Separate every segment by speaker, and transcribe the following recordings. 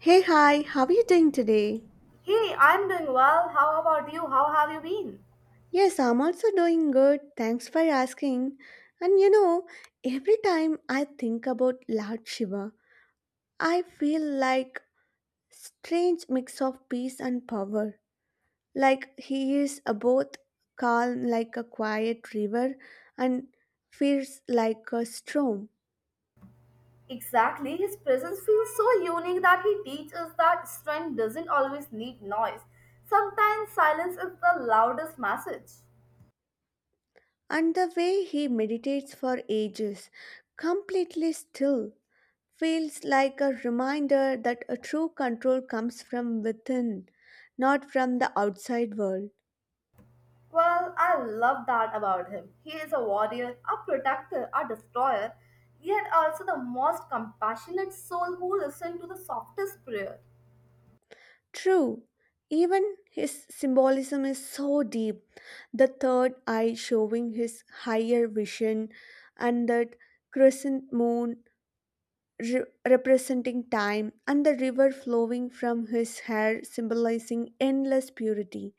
Speaker 1: Hey, hi, how are you doing today?
Speaker 2: Hey, I'm doing well. How about you? How have you been?
Speaker 1: Yes, I'm also doing good. Thanks for asking. And you know, every time I think about Lord Shiva, I feel like strange mix of peace and power. Like he is a both calm like a quiet river and fierce like a storm.
Speaker 2: Exactly. His presence feels so unique that he teaches that strength doesn't always need noise. Sometimes silence is the loudest message.
Speaker 1: And the way he meditates for ages, completely still, feels like a reminder that a true control comes from within, not from the outside world.
Speaker 2: Well, I love that about him. He is a warrior, a protector, a destroyer, yet also the most compassionate soul who listens to the softest prayer.
Speaker 1: True, even his symbolism is so deep, the third eye showing his higher vision, and that crescent moon representing time, and the river flowing from his hair symbolizing endless purity.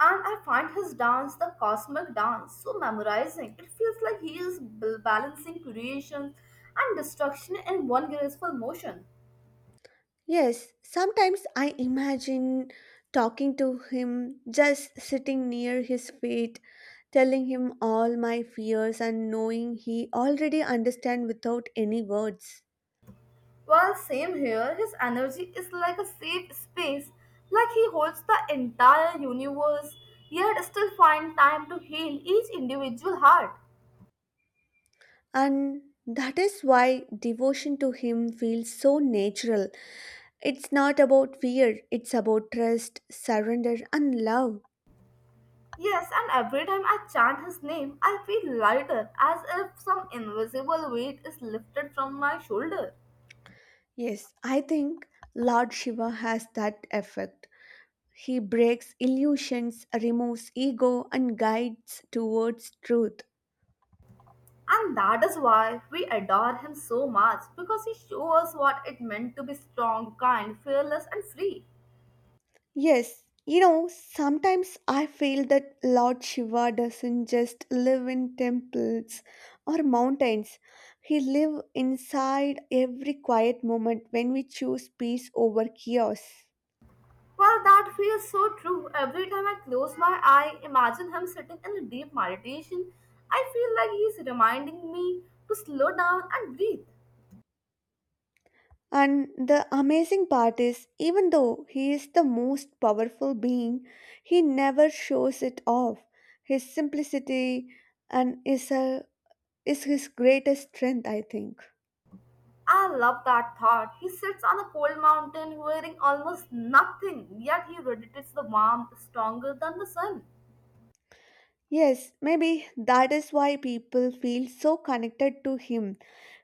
Speaker 2: And I find his dance, the cosmic dance, so memorizing. It feels like he is balancing creation and destruction in one graceful motion.
Speaker 1: Yes, sometimes I imagine talking to him, just sitting near his feet, telling him all my fears and knowing he already understands without any words.
Speaker 2: While same here, his energy is like a safe space, like he holds the entire universe, yet still find time to heal each individual heart.
Speaker 1: And that is why devotion to him feels so natural. It's not about fear, it's about trust, surrender, and love.
Speaker 2: Yes, and every time I chant his name, I feel lighter, as if some invisible weight is lifted from my shoulder.
Speaker 1: Yes, I think Lord Shiva has that effect. He breaks illusions, removes ego, and guides towards truth.
Speaker 2: And that is why we adore him so much because he shows us what it meant to be strong, kind, fearless, and free.
Speaker 1: Yes, you know, sometimes I feel that Lord Shiva doesn't just live in temples or mountains. He lives inside every quiet moment when we choose peace over chaos.
Speaker 2: Well, that feels so true. Every time I close my eye, imagine him sitting in a deep meditation. I feel like he's reminding me to slow down and breathe.
Speaker 1: And the amazing part is, even though he is the most powerful being, he never shows it off. His simplicity and is a is his greatest strength, I think.
Speaker 2: I love that thought. He sits on a cold mountain wearing almost nothing, yet he radiates the warmth stronger than the sun.
Speaker 1: Yes, maybe that is why people feel so connected to him.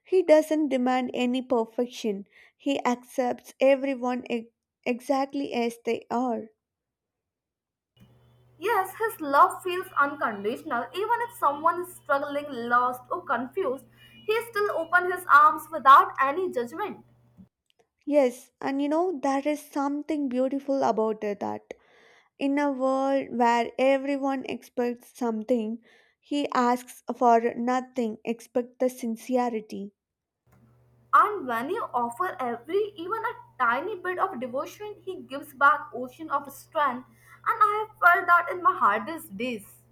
Speaker 1: He doesn't demand any perfection, he accepts everyone exactly as they are.
Speaker 2: Yes, his love feels unconditional. Even if someone is struggling, lost, or confused, he still opens his arms without any judgment.
Speaker 1: Yes, and you know, there is something beautiful about that. In a world where everyone expects something, he asks for nothing except the sincerity.
Speaker 2: And when you offer every, even a tiny bit of devotion, he gives back ocean of strength. And I have felt that in my hardest days.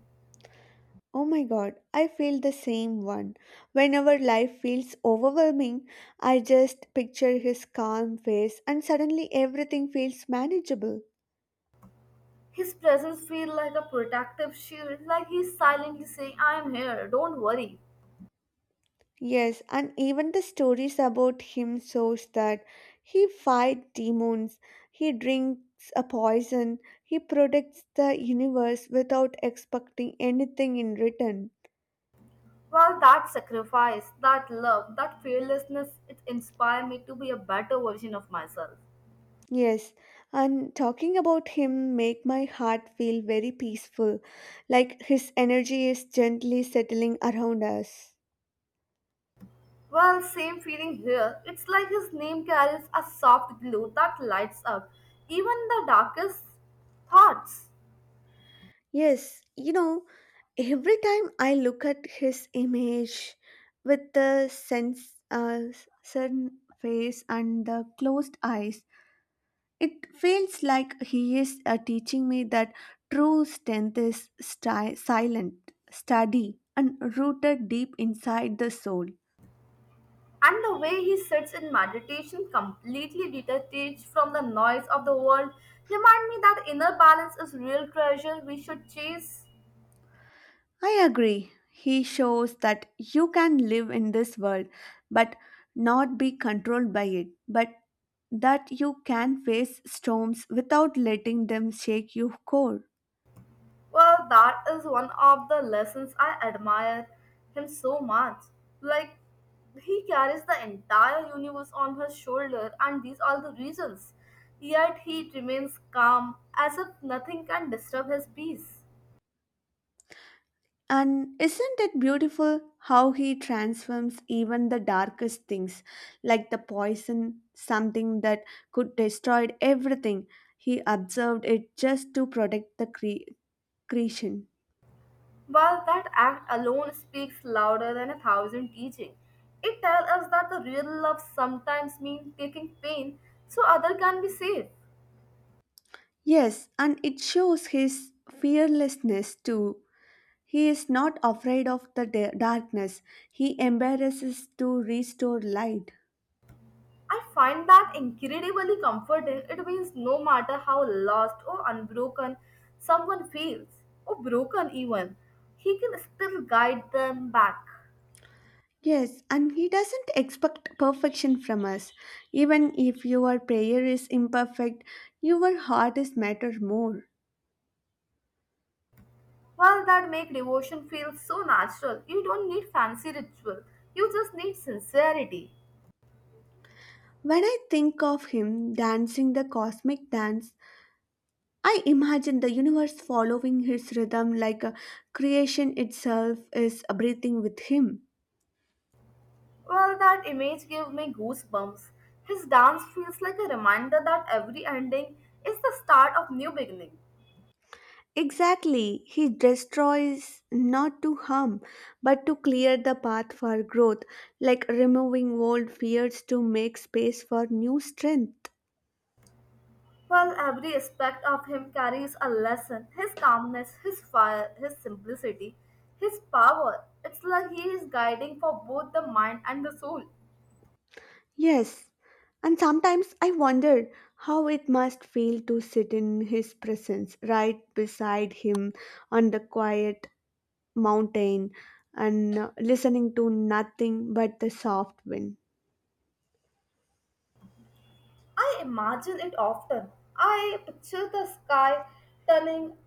Speaker 1: Oh my god, I feel the same one. Whenever life feels overwhelming, I just picture his calm face and suddenly everything feels manageable.
Speaker 2: His presence feels like a protective shield, like he's silently saying, I am here, don't worry.
Speaker 1: Yes, and even the stories about him shows that he fight demons, he drinks a poison, he protects the universe without expecting anything in return.
Speaker 2: Well, that sacrifice, that love, that fearlessness, it inspired me to be a better version of myself.
Speaker 1: Yes, and talking about him make my heart feel very peaceful, like his energy is gently settling around us.
Speaker 2: Well, same feeling here. It's like his name carries a soft glow that lights up even the darkest thoughts.
Speaker 1: Yes, you know, every time I look at his image with the sense certain face and the closed eyes, it feels like he is teaching me that true strength is silent, steady, and rooted deep inside the soul.
Speaker 2: And the way he sits in meditation, completely detached from the noise of the world, remind me that inner balance is real treasure we should chase.
Speaker 1: I agree. He shows that you can live in this world but not be controlled by it, but that you can face storms without letting them shake your core.
Speaker 2: Well, that is one of the lessons I admire him so much. Like, he carries the entire universe on his shoulder, and these are the reasons. Yet he remains calm, as if nothing can disturb his peace.
Speaker 1: And isn't it beautiful how he transforms even the darkest things, like the poison, something that could destroy everything? He observed it just to protect the creation.
Speaker 2: While that act alone speaks louder than a thousand teaching, it tells us that the real love sometimes means taking pain so other can be saved.
Speaker 1: Yes, and it shows his fearlessness too. He is not afraid of the darkness. He embarrasses to restore light.
Speaker 2: I find that incredibly comforting. It means no matter how lost or unbroken someone feels, or broken even, he can still guide them back.
Speaker 1: Yes, and he doesn't expect perfection from us. Even if your prayer is imperfect, your heart is matter more.
Speaker 2: Well, that make devotion feel so natural. You don't need fancy ritual. You just need sincerity.
Speaker 1: When I think of him dancing the cosmic dance, I imagine the universe following his rhythm like a creation itself is breathing with him.
Speaker 2: Well, that image gave me goosebumps. His dance feels like a reminder that every ending is the start of new beginning.
Speaker 1: Exactly. He destroys not to harm, but to clear the path for growth, like removing old fears to make space for new strength.
Speaker 2: Well, every aspect of him carries a lesson. His calmness, his fire, his simplicity, his power. It's like he is guiding for both the mind and the soul.
Speaker 1: Yes. And sometimes I wonder how it must feel to sit in his presence, right beside him on the quiet mountain and listening to nothing but the soft wind.
Speaker 2: I imagine it often. I picture the sky turning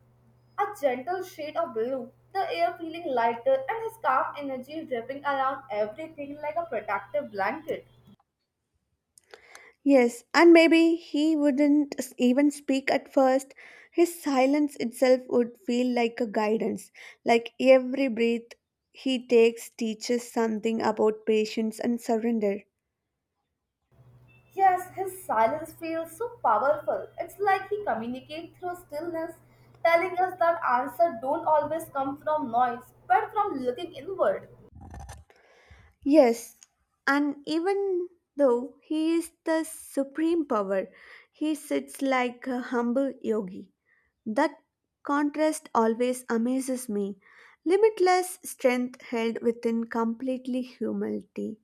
Speaker 2: a gentle shade of blue, the air feeling lighter, and his calm energy dripping around everything like a protective blanket.
Speaker 1: Yes, and maybe he wouldn't even speak at first. His silence itself would feel like a guidance, like every breath he takes teaches something about patience and surrender.
Speaker 2: Yes, his silence feels so powerful. It's like he communicates through stillness, telling us that answers don't always come from noise, but from looking inward.
Speaker 1: Yes, and even though he is the supreme power, he sits like a humble yogi. That contrast always amazes me. Limitless strength held within completely humility.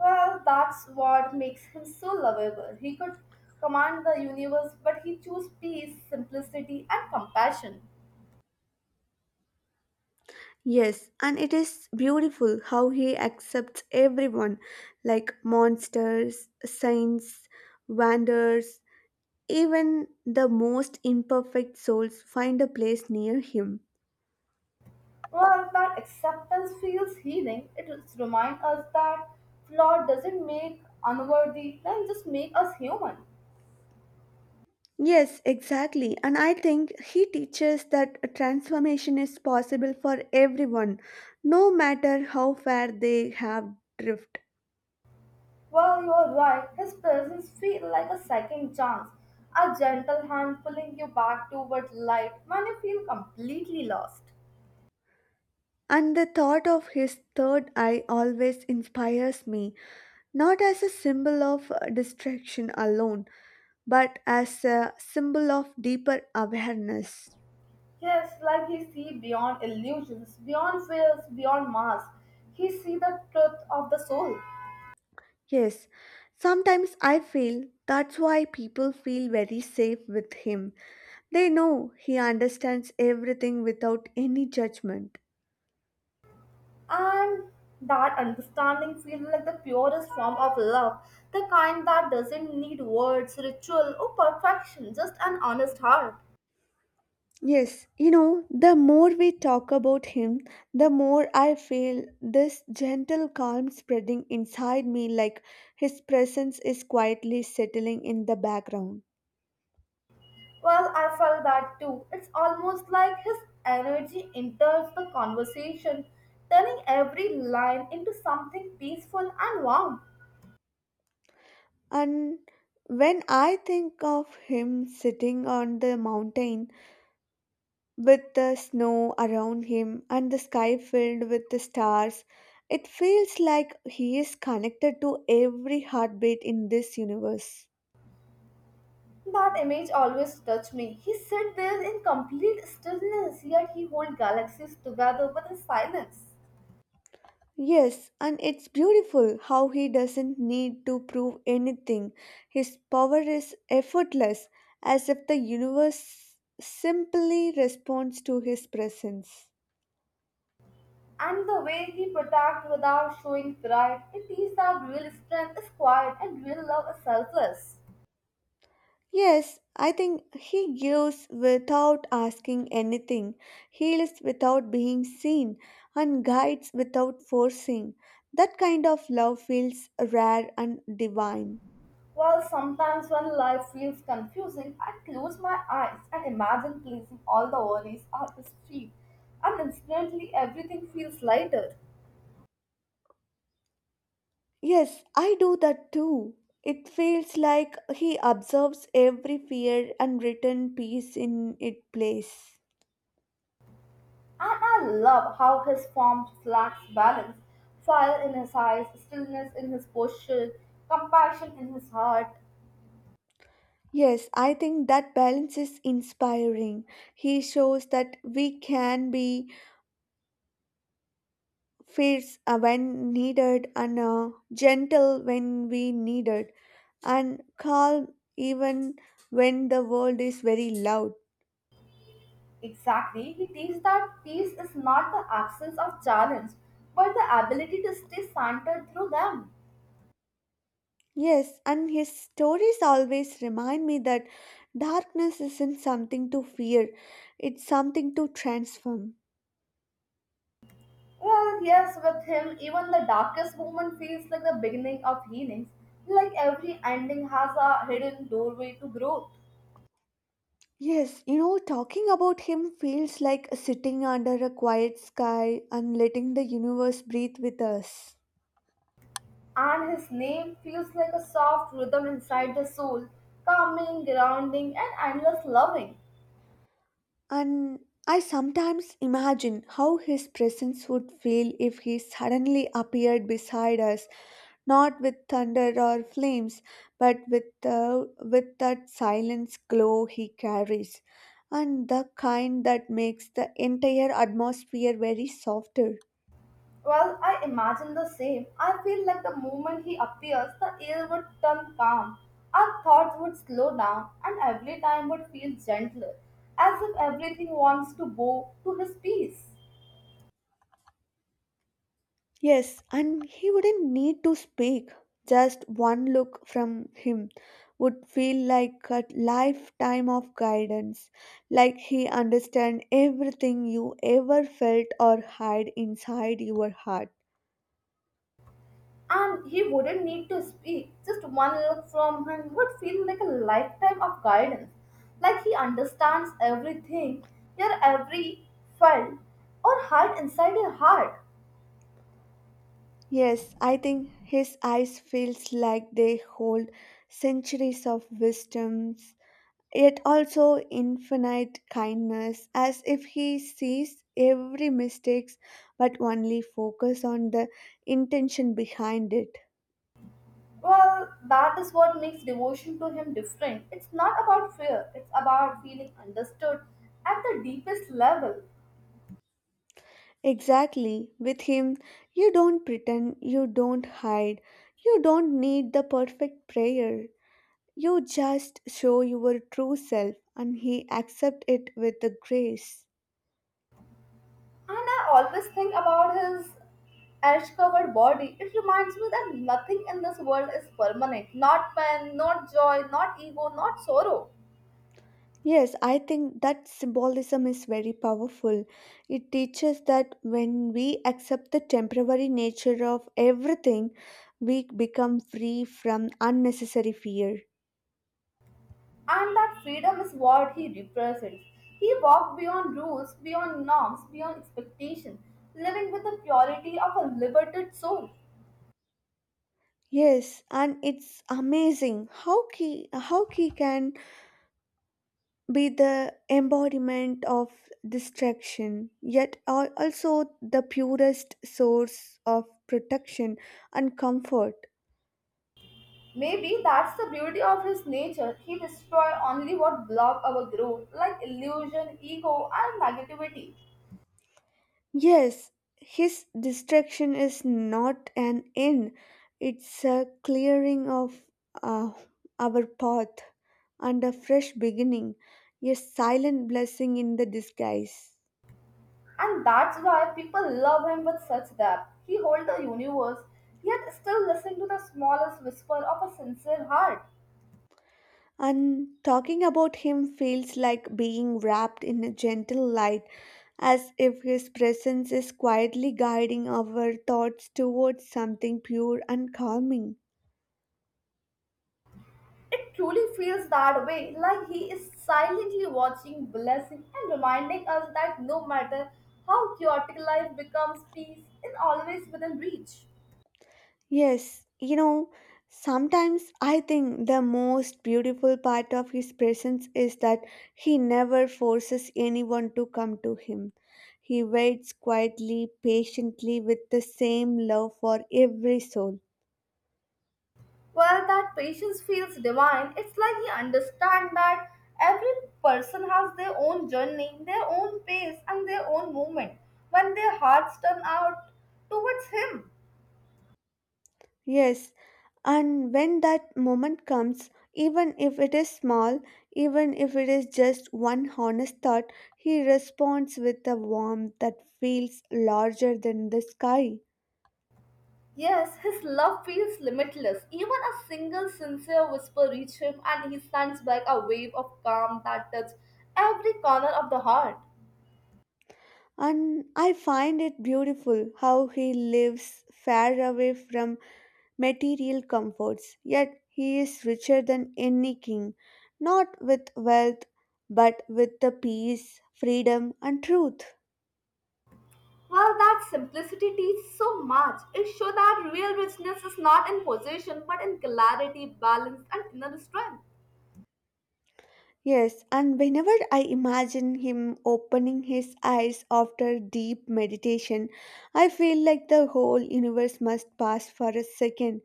Speaker 2: Well, that's what makes him so lovable. He could command the universe, but he chose peace, simplicity, and compassion.
Speaker 1: Yes, and it is beautiful how he accepts everyone, like monsters, saints, wanderers, even the most imperfect souls find a place near him.
Speaker 2: Well, that acceptance feels healing. It reminds us that flaw doesn't make unworthy, then just make us human.
Speaker 1: Yes, exactly. And I think he teaches that a transformation is possible for everyone, no matter how far they have drift.
Speaker 2: Well, you are right. His presence feels like a second chance, a gentle hand pulling you back toward light when you feel completely lost.
Speaker 1: And the thought of his third eye always inspires me, not as a symbol of distraction alone but as a symbol of deeper awareness.
Speaker 2: Yes, like he see beyond illusions, beyond fears, beyond masks. He see the truth of the soul,
Speaker 1: Yes, sometimes I feel that's why people feel very safe with him. They know he understands everything without any judgment.
Speaker 2: and that understanding feels like the purest form of love, the kind that doesn't need words, ritual, or perfection, just an honest heart.
Speaker 1: Yes, you know, the more we talk about him, the more I feel this gentle calm spreading inside me like his presence is quietly settling in the background.
Speaker 2: Well, I felt that too. It's almost like his energy enters the conversation, turning every line into something peaceful and warm.
Speaker 1: And when I think of him sitting on the mountain with the snow around him and the sky filled with the stars, it feels like he is connected to every heartbeat in this universe.
Speaker 2: That image always touched me. He sat there in complete stillness, yet he holds galaxies together with his silence.
Speaker 1: Yes, and it's beautiful how he doesn't need to prove anything. His power is effortless, as if the universe simply responds to his presence.
Speaker 2: And the way he protects without showing pride, it is that real strength is quiet and real love is selfless.
Speaker 1: Yes, I think he gives without asking anything, heals without being seen, and guides without forcing. That kind of love feels rare and divine.
Speaker 2: Well, sometimes when life feels confusing, I close my eyes and imagine placing all the worries on his feet, and instantly everything feels lighter.
Speaker 1: Yes, I do that too. It feels like he observes every fear and written peace in its place.
Speaker 2: And I love how his form reflects balance, fire in his eyes, stillness in his posture, compassion in his heart.
Speaker 1: Yes, I think that balance is inspiring. He shows that we can be fierce when needed and gentle when we needed and calm even when the world is very loud.
Speaker 2: Exactly, he teaches that peace is not the absence of challenge, but the ability to stay centered through them.
Speaker 1: Yes, and his stories always remind me that darkness isn't something to fear, it's something to transform.
Speaker 2: Well, yes, with him, even the darkest moment feels like the beginning of healings. Like every ending has a hidden doorway to growth.
Speaker 1: Yes, you know, talking about him feels like sitting under a quiet sky and letting the universe breathe with us.
Speaker 2: And his name feels like a soft rhythm inside the soul, calming, grounding, and endless loving.
Speaker 1: And I sometimes imagine how his presence would feel if he suddenly appeared beside us, not with thunder or flames, but with that silence glow he carries, and the kind that makes the entire atmosphere very softer.
Speaker 2: Well, I imagine the same. I feel like the moment he appears, the air would turn calm, our thoughts would slow down, and every time would feel gentler, as if everything wants to bow to his peace.
Speaker 1: Yes, and he wouldn't need to speak. Just one look from him would feel like a lifetime of guidance, like he understands everything you ever felt or had inside your heart.
Speaker 2: And he wouldn't need to speak. Just one look from him would feel like a lifetime of guidance, like he understands everything, your every felt, or heart inside your heart.
Speaker 1: Yes, I think his eyes feels like they hold centuries of wisdom, yet also infinite kindness as if he sees every mistakes but only focus on the intention behind it.
Speaker 2: Well, that is what makes devotion to him different. It's not about fear, it's about feeling understood at the deepest level.
Speaker 1: Exactly, with him you don't pretend, you don't hide, you don't need the perfect prayer, you just show your true self and he accepts it with the grace.
Speaker 2: And I always think about his ash covered body. It reminds me that nothing in this world is permanent. Not pain, not joy, not ego, not sorrow.
Speaker 1: Yes, I think that symbolism is very powerful. It teaches that when we accept the temporary nature of everything, we become free from unnecessary fear.
Speaker 2: And that freedom is what he represents. He walked beyond rules, beyond norms, beyond expectation, living with the purity of a liberated soul.
Speaker 1: Yes, and it's amazing how key can be the embodiment of distraction, yet also the purest source of protection and comfort.
Speaker 2: Maybe that's the beauty of his nature. He destroys only what block our growth, like illusion, ego, and negativity.
Speaker 1: Yes, his distraction is not an end, it's a clearing of uh, our path and a fresh beginning, a silent blessing in the disguise.
Speaker 2: And that's why people love him with such depth. He holds the universe, yet still listen to the smallest whisper of a sincere heart.
Speaker 1: And talking about him feels like being wrapped in a gentle light, as if his presence is quietly guiding our thoughts towards something pure and calming.
Speaker 2: It truly feels that way, like he is silently watching, blessing, and reminding us that no matter how chaotic life becomes, peace is always within reach.
Speaker 1: Yes, you know, sometimes I think the most beautiful part of his presence is that he never forces anyone to come to him. He waits quietly, patiently with the same love for every soul.
Speaker 2: Well, that patience feels divine. It's like you understand that every person has their own journey, their own pace, and their own movement when their hearts turn out towards Him.
Speaker 1: Yes, and when that moment comes, even if it is small, even if it is just one honest thought, he responds with a warmth that feels larger than the sky.
Speaker 2: Yes, His love feels limitless. Even a single sincere whisper reaches Him, and He sends back a wave of calm that touches every corner of the heart.
Speaker 1: And I find it beautiful how he lives far away from material comforts, yet he is richer than any king, not with wealth, but with the peace, freedom, and truth.
Speaker 2: Well, that simplicity teaches so much. It shows that real richness is not in possession but in clarity, balance, and inner strength.
Speaker 1: Yes, and whenever I imagine him opening his eyes after deep meditation, I feel like the whole universe must pass for a second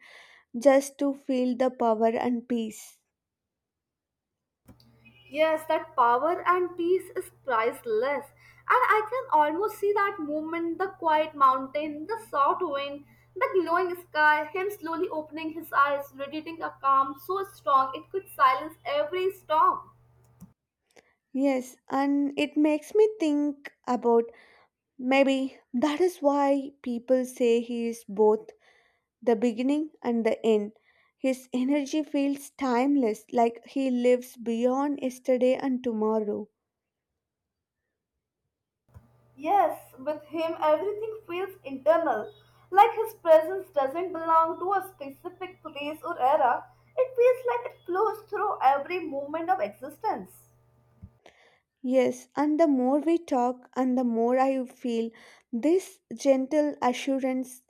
Speaker 1: just to feel the power and peace.
Speaker 2: Yes, that power and peace is priceless. And I can almost see that movement the quiet mountain, the soft wind, the glowing sky, him slowly opening his eyes, radiating a calm so strong it could silence every storm.
Speaker 1: Yes, and it makes me think about maybe that is why people say he is both the beginning and the end. His energy feels timeless, like he lives beyond yesterday and tomorrow.
Speaker 2: Yes, with him everything feels internal, like his presence doesn't belong to a specific place or era. It feels like it flows through every moment of existence.
Speaker 1: Yes, and the more we talk, and the more I feel this gentle assurance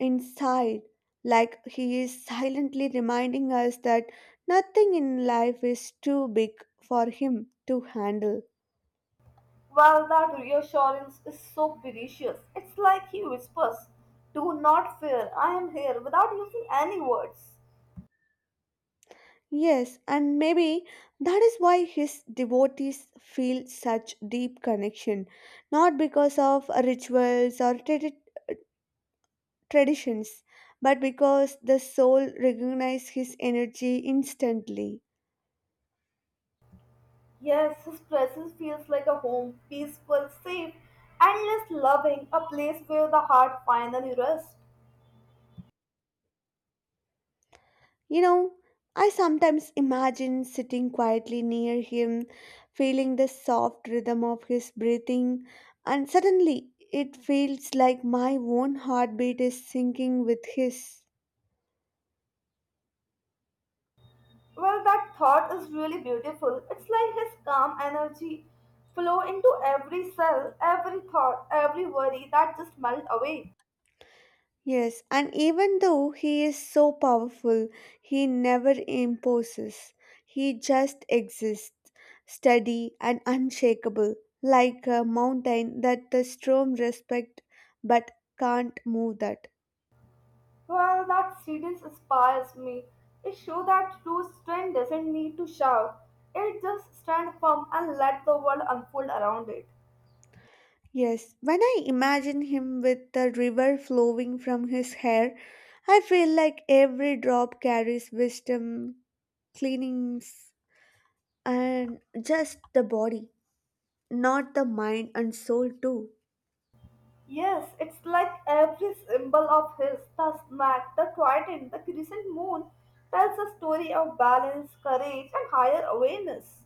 Speaker 1: inside, like he is silently reminding us that nothing in life is too big for him to handle.
Speaker 2: Well, that reassurance is so precious. It's like he whispers, Do not fear, I am here, without using any words.
Speaker 1: Yes, and maybe that is why his devotees feel such deep connection, not because of rituals or traditions, but because the soul recognizes his energy instantly.
Speaker 2: Yes, his presence feels like a home, peaceful, safe, endless loving, a place where the heart finally rests.
Speaker 1: You know, I sometimes imagine sitting quietly near him, feeling the soft rhythm of his breathing, and suddenly it feels like my own heartbeat is syncing with his.
Speaker 2: Well, that thought is really beautiful. It's like his calm energy flow into every cell, every thought, every worry that just melt away.
Speaker 1: Yes, and even though he is so powerful, he never imposes. He just exists, steady and unshakable, like a mountain that the storm respect but can't move that.
Speaker 2: Well, that series inspires me. It shows that true strength doesn't need to shout. It just stand firm and let the world unfold around it.
Speaker 1: Yes, when I imagine him with the river flowing from his hair, I feel like every drop carries wisdom, cleanings, and just the body, not the mind and soul too.
Speaker 2: Yes, it's like every symbol of his, the snack, the trident, the crescent moon, tells a story of balance, courage, and higher awareness.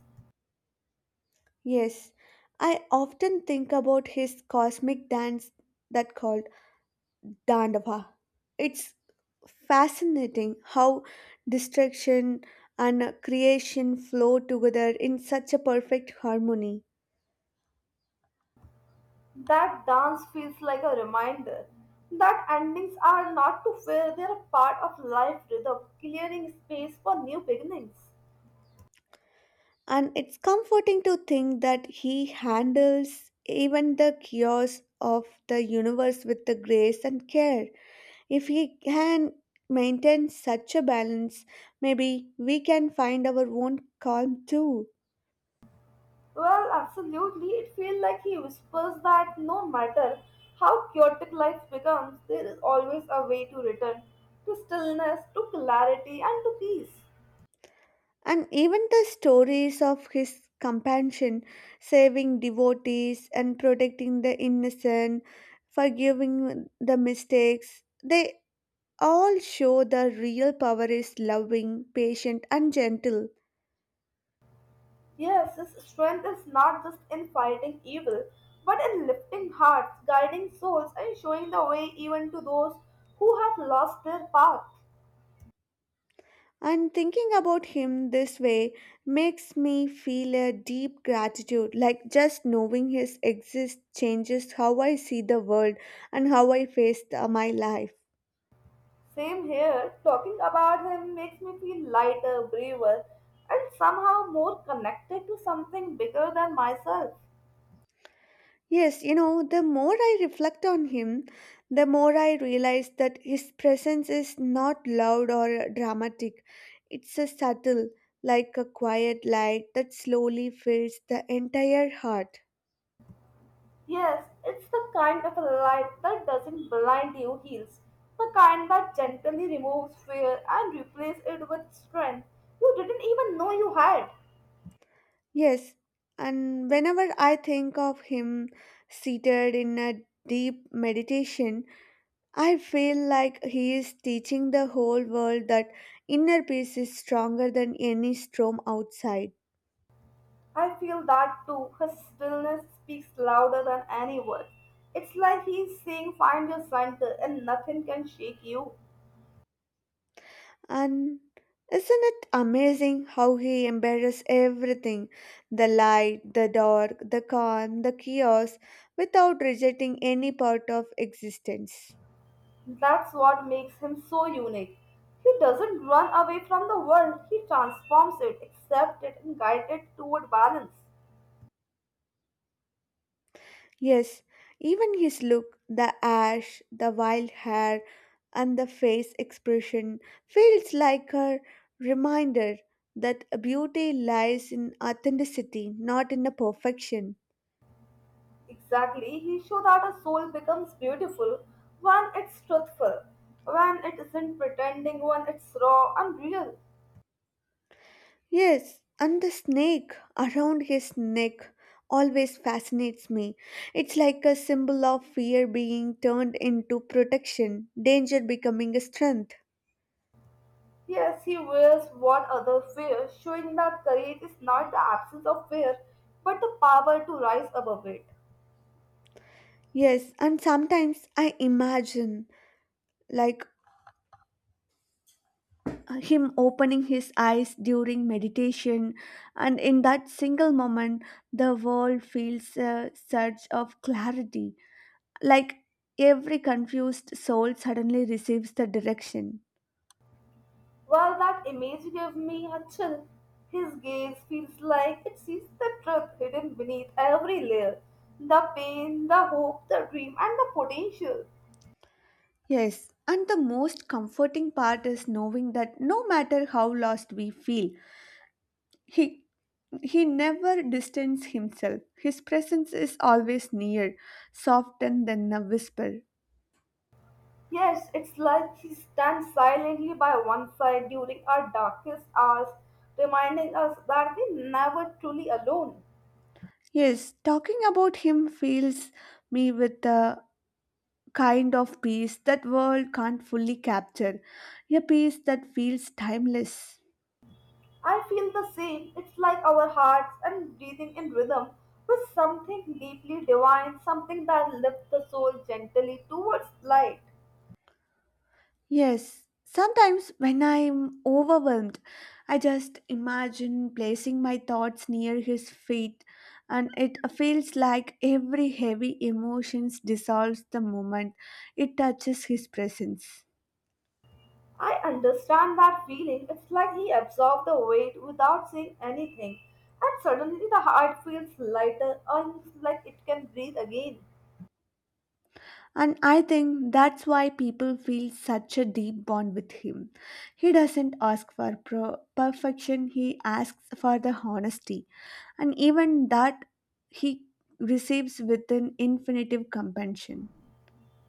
Speaker 1: Yes, I often think about his cosmic dance that called Dandava. It's fascinating how destruction and creation flow together in such a perfect harmony.
Speaker 2: That dance feels like a reminder that endings are not to fear, they are part of life rhythm, clearing space for new beginnings.
Speaker 1: And it's comforting to think that he handles even the chaos of the universe with the grace and care. If he can maintain such a balance, maybe we can find our own calm too.
Speaker 2: Well, absolutely. It feels like he whispers that no matter how chaotic life becomes, there is always a way to return to stillness, to clarity, and to peace.
Speaker 1: And even the stories of his compassion, saving devotees and protecting the innocent, forgiving the mistakes, they all show the real power is loving, patient, and gentle.
Speaker 2: Yes, his strength is not just in fighting evil, but in lifting hearts, guiding souls, and showing the way even to those who have lost their path.
Speaker 1: And thinking about him this way makes me feel a deep gratitude, like just knowing his exist changes how I see the world and how I face my life.
Speaker 2: Same here, talking about him makes me feel lighter, braver, and somehow more connected to something bigger than myself.
Speaker 1: Yes, you know, the more I reflect on him, the more I realize that his presence is not loud or dramatic. It's a subtle, like a quiet light that slowly fills the entire heart.
Speaker 2: Yes, it's the kind of a light that doesn't blind your heels, the kind that gently removes fear and replaces it with strength you didn't even know you had.
Speaker 1: Yes, and whenever I think of him seated in a deep meditation, I feel like he is teaching the whole world that inner peace is stronger than any storm outside.
Speaker 2: I feel that too. His stillness speaks louder than any word. It's like he's saying, find your center, and nothing can shake you.
Speaker 1: And isn't it amazing how he embraces everything the light, the dark, the calm, the chaos without rejecting any part of existence?
Speaker 2: That's what makes him so unique. He doesn't run away from the world, he transforms it, accepts it, and guides it toward balance.
Speaker 1: Yes, even his look, the ash, the wild hair, and the face expression feels like a reminder that beauty lies in authenticity, not in a perfection.
Speaker 2: Exactly, he showed that a soul becomes beautiful when it's truthful, when it isn't pretending, when it's raw and real.
Speaker 1: Yes, and the snake around his neck always fascinates me. It's like a symbol of fear being turned into protection, danger becoming a strength.
Speaker 2: Yes, he wears what others fear, showing that courage is not the absence of fear, but the power to rise above it.
Speaker 1: Yes, and sometimes I imagine like him opening his eyes during meditation, and in that single moment, the world feels a surge of clarity, like every confused soul suddenly receives the direction.
Speaker 2: Well, that image gave me a chill. His gaze feels like it sees the truth hidden beneath every layer the pain, the hope, the dream, and the potential.
Speaker 1: Yes, and the most comforting part is knowing that no matter how lost we feel, he he never distances himself. His presence is always near, softer than a whisper.
Speaker 2: Yes, it's like he stands silently by one side during our darkest hours, reminding us that we're never truly alone.
Speaker 1: Yes, talking about him fills me with a kind of peace that world can't fully capture, a peace that feels timeless.
Speaker 2: I feel the same. It's like our hearts and breathing in rhythm with something deeply divine, something that lifts the soul gently towards light.
Speaker 1: Yes, sometimes when I'm overwhelmed, I just imagine placing my thoughts near his feet, and it feels like every heavy emotions dissolves the moment it touches his presence.
Speaker 2: I understand that feeling. It's like he absorbed the weight without saying anything, and suddenly the heart feels lighter, almost like it can breathe again.
Speaker 1: And I think that's why people feel such a deep bond with him. He doesn't ask for perfection, he asks for the honesty, and even that he receives with an infinitive compassion.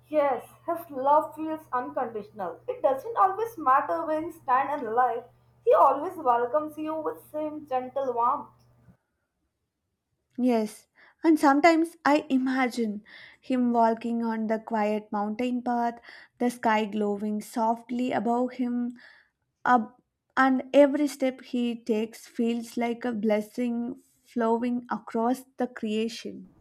Speaker 2: Yes, his love feels unconditional. It doesn't always matter where you stand in life. He always welcomes you with same gentle warmth.
Speaker 1: Yes, and sometimes I imagine him walking on the quiet mountain path, the sky glowing softly above him, up, and every step he takes feels like a blessing flowing across the creation.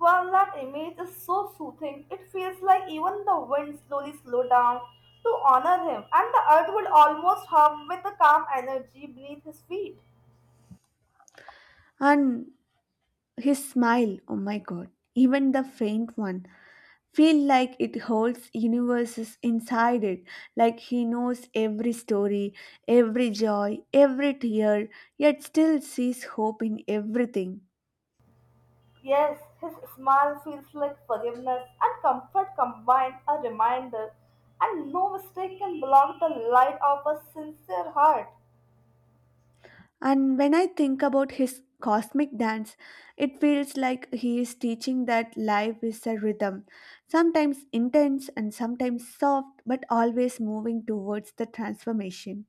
Speaker 2: Well, that image is so soothing. It feels like even the wind slowly slow down to honor him, and the earth would almost hum with the calm energy beneath his feet.
Speaker 1: And his smile, oh my god, even the faint one, feel like it holds universes inside it like he knows every story every joy every tear yet still sees hope in everything.
Speaker 2: Yes, his smile feels like forgiveness and comfort combined, a reminder, and no mistake can block the light of a sincere heart.
Speaker 1: And when I think about his cosmic dance, it feels like he is teaching that life is a rhythm, sometimes intense and sometimes soft, but always moving towards the transformation.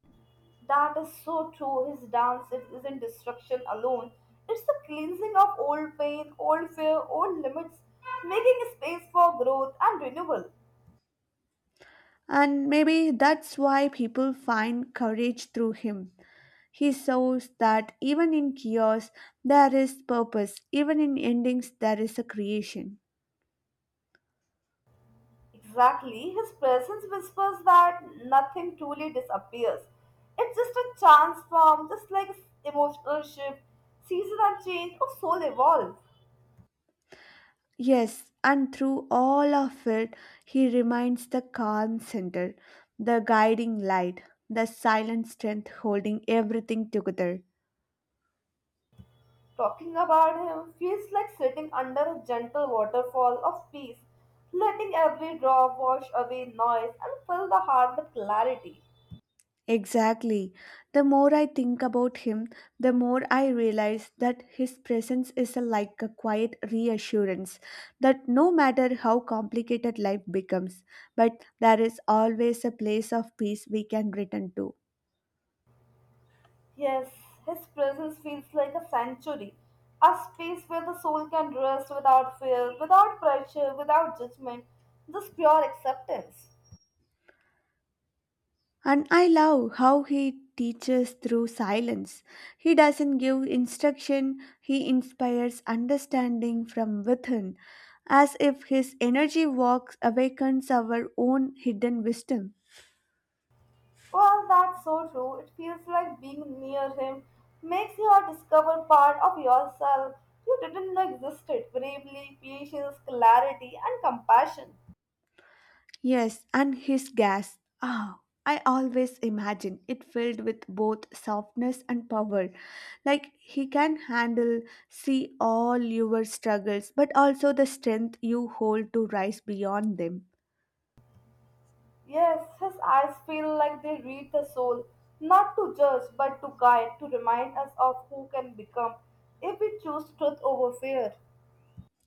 Speaker 2: That is so true. His dance it isn't destruction alone. It's the cleansing of old pain, old fear, old limits, making space for growth and renewal.
Speaker 1: And maybe that's why people find courage through him. He shows that even in chaos there is purpose, even in endings there is a creation.
Speaker 2: Exactly. His presence whispers that nothing truly disappears. It's just a transform, just like emotional shift, season and change, or soul evolve.
Speaker 1: Yes, and through all of it, he remains the calm center, the guiding light, the silent strength holding everything together.
Speaker 2: Talking about him feels like sitting under a gentle waterfall of peace, letting every drop wash away noise and fill the heart with clarity.
Speaker 1: Exactly. The more I think about him, the more I realize that his presence is a, like a quiet reassurance that no matter how complicated life becomes, but there is always a place of peace we can return to.
Speaker 2: Yes, his presence feels like a sanctuary, a space where the soul can rest without fear, without pressure, without judgment, just pure acceptance.
Speaker 1: And I love how he teaches through silence. He doesn't give instruction, he inspires understanding from within, as if his energy walks awakens our own hidden wisdom.
Speaker 2: Well, that's so true. It feels like being near him makes you discover part of yourself you didn't know existed bravery, patience, clarity, and compassion.
Speaker 1: Yes, and his gas. Ah, I always imagine it filled with both softness and power. Like he can handle, see all your struggles, but also the strength you hold to rise beyond them.
Speaker 2: Yes, his eyes feel like they read the soul, not to judge, but to guide, to remind us of who can become if we choose truth over fear.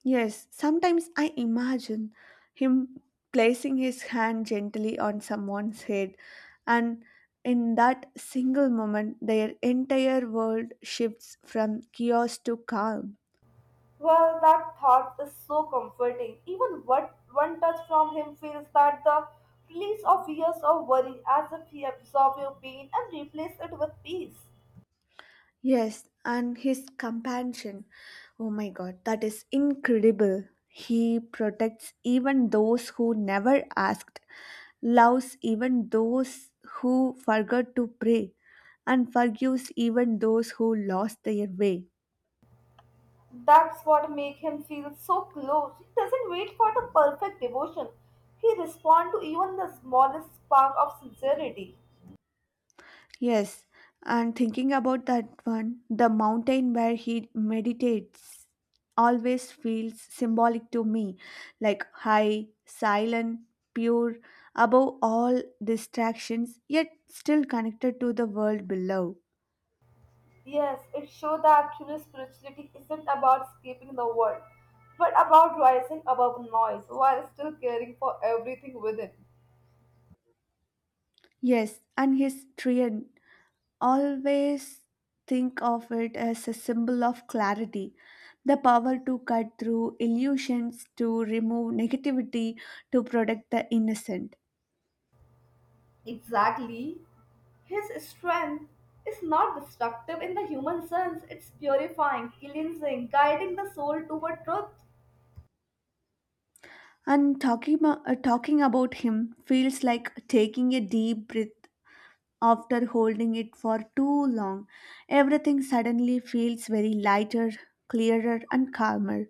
Speaker 1: Yes, sometimes I imagine him placing his hand gently on someone's head, and in that single moment, their entire world shifts from chaos to calm.
Speaker 2: Well, that thought is so comforting. Even what one touch from him feels that the release of years of worry as if he absorbed your pain and replaced it with peace.
Speaker 1: Yes, and his compassion. Oh my god, that is incredible. He protects even those who never asked, loves even those who forgot to pray, and forgives even those who lost their way.
Speaker 2: That's what makes him feel so close. He doesn't wait for the perfect devotion. He responds to even the smallest spark of sincerity.
Speaker 1: Yes, and thinking about that one, the mountain where he meditates always feels symbolic to me, like high, silent, pure, above all distractions, yet still connected to the world below.
Speaker 2: Yes, it shows that true spirituality isn't about escaping the world, but about rising above noise while still caring for everything within.
Speaker 1: Yes, and his trian, always think of it as a symbol of clarity, the power to cut through illusions, to remove negativity, to protect the innocent.
Speaker 2: Exactly. His strength is not destructive in the human sense, it's purifying, cleansing, guiding the soul toward truth.
Speaker 1: And talking about him feels like taking a deep breath after holding it for too long. Everything suddenly feels very lighter, clearer, and calmer.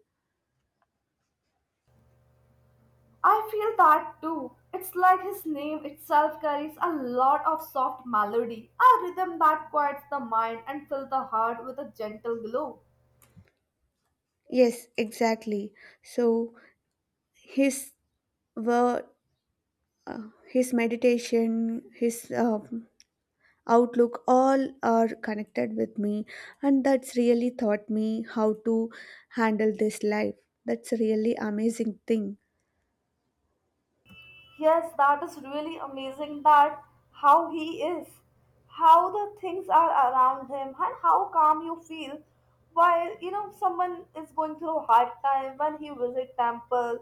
Speaker 2: I feel that too. It's like his name itself carries a lot of soft melody, a rhythm that quiets the mind and fills the heart with a gentle glow.
Speaker 1: Yes, exactly. So his word, his meditation, his outlook, all are connected with me, and that's really taught me how to handle this life. That's a really amazing thing.
Speaker 2: Yes, that is really amazing that how he is, how the things are around him, and how calm you feel while you know someone is going through a hard time when he visit temple,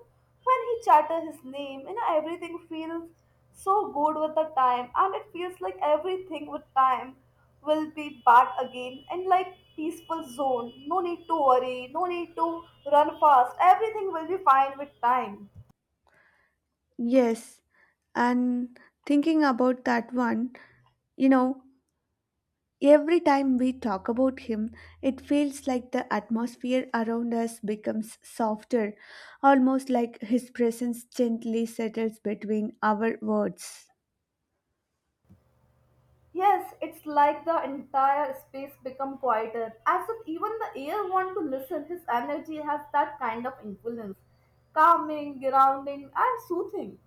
Speaker 2: when he chatter his name, you know everything feels so good with the time, and it feels like everything with time will be back again in like peaceful zone. No need to worry, no need to run fast. Everything will be fine with time.
Speaker 1: Yes, and thinking about that one, you know, every time we talk about him, it feels like the atmosphere around us becomes softer, almost like his presence gently settles between our words.
Speaker 2: Yes, it's like the entire space become quieter, as if even the air want to listen. His energy has that kind of influence, calming, grounding, and soothing.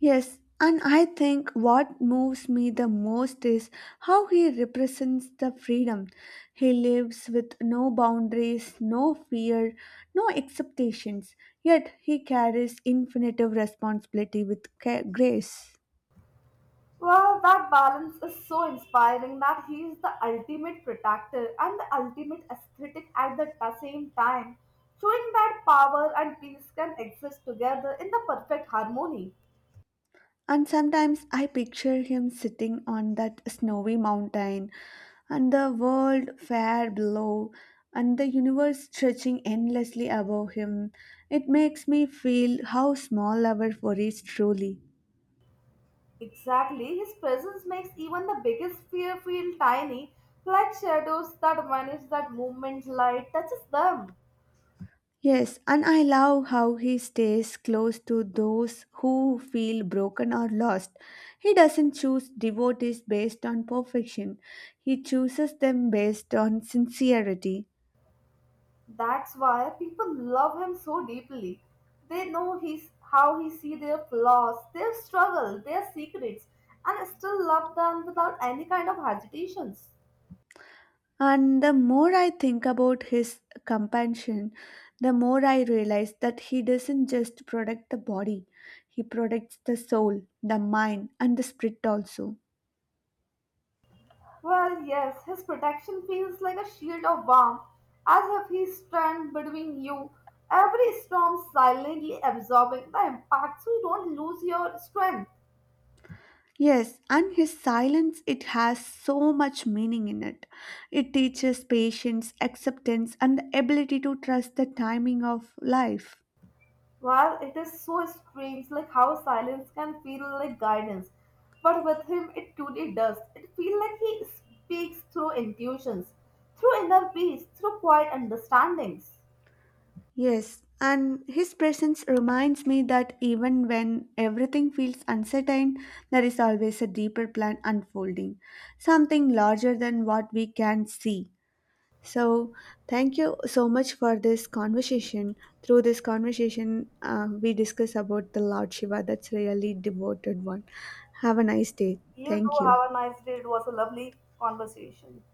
Speaker 1: Yes, and I think what moves me the most is how he represents the freedom. He lives with no boundaries, no fear, no expectations, yet he carries infinite responsibility with grace.
Speaker 2: Well, that balance is so inspiring that he is the ultimate protector and the ultimate aesthetic at the same time, showing that power and peace can exist together in the perfect harmony.
Speaker 1: And sometimes I picture him sitting on that snowy mountain, and the world fair below, and the universe stretching endlessly above him. It makes me feel how small our worries truly.
Speaker 2: Exactly, his presence makes even the biggest fear feel tiny, like shadows that vanish that movement light touches them.
Speaker 1: Yes, and I love how he stays close to those who feel broken or lost. He doesn't choose devotees based on perfection, he chooses them based on sincerity.
Speaker 2: That's why people love him so deeply. They know he's how he see their flaws, their struggle, their secrets, and still love them without any kind of hesitations.
Speaker 1: And the more I think about his compassion, the more I realize that he doesn't just protect the body, he protects the soul, the mind, and the spirit also.
Speaker 2: Well, yes, his protection feels like a shield of warmth, as if he stands between you, every storm silently absorbing the impact so you don't lose your strength.
Speaker 1: Yes, and his silence, it has so much meaning in it. It teaches patience, acceptance, and the ability to trust the timing of life.
Speaker 2: Well, it is so strange, like how silence can feel like guidance, but with him it truly does. It feels like he speaks through intuitions, through inner peace, through quiet understandings.
Speaker 1: Yes, and his presence reminds me that even when everything feels uncertain, there is always a deeper plan unfolding, something larger than what we can see. So, thank you so much for this conversation. Through this conversation, we discuss about the Lord Shiva. That's really devoted one. Have a nice day.
Speaker 2: You do
Speaker 1: Thank you.
Speaker 2: have a nice day. It was a lovely conversation.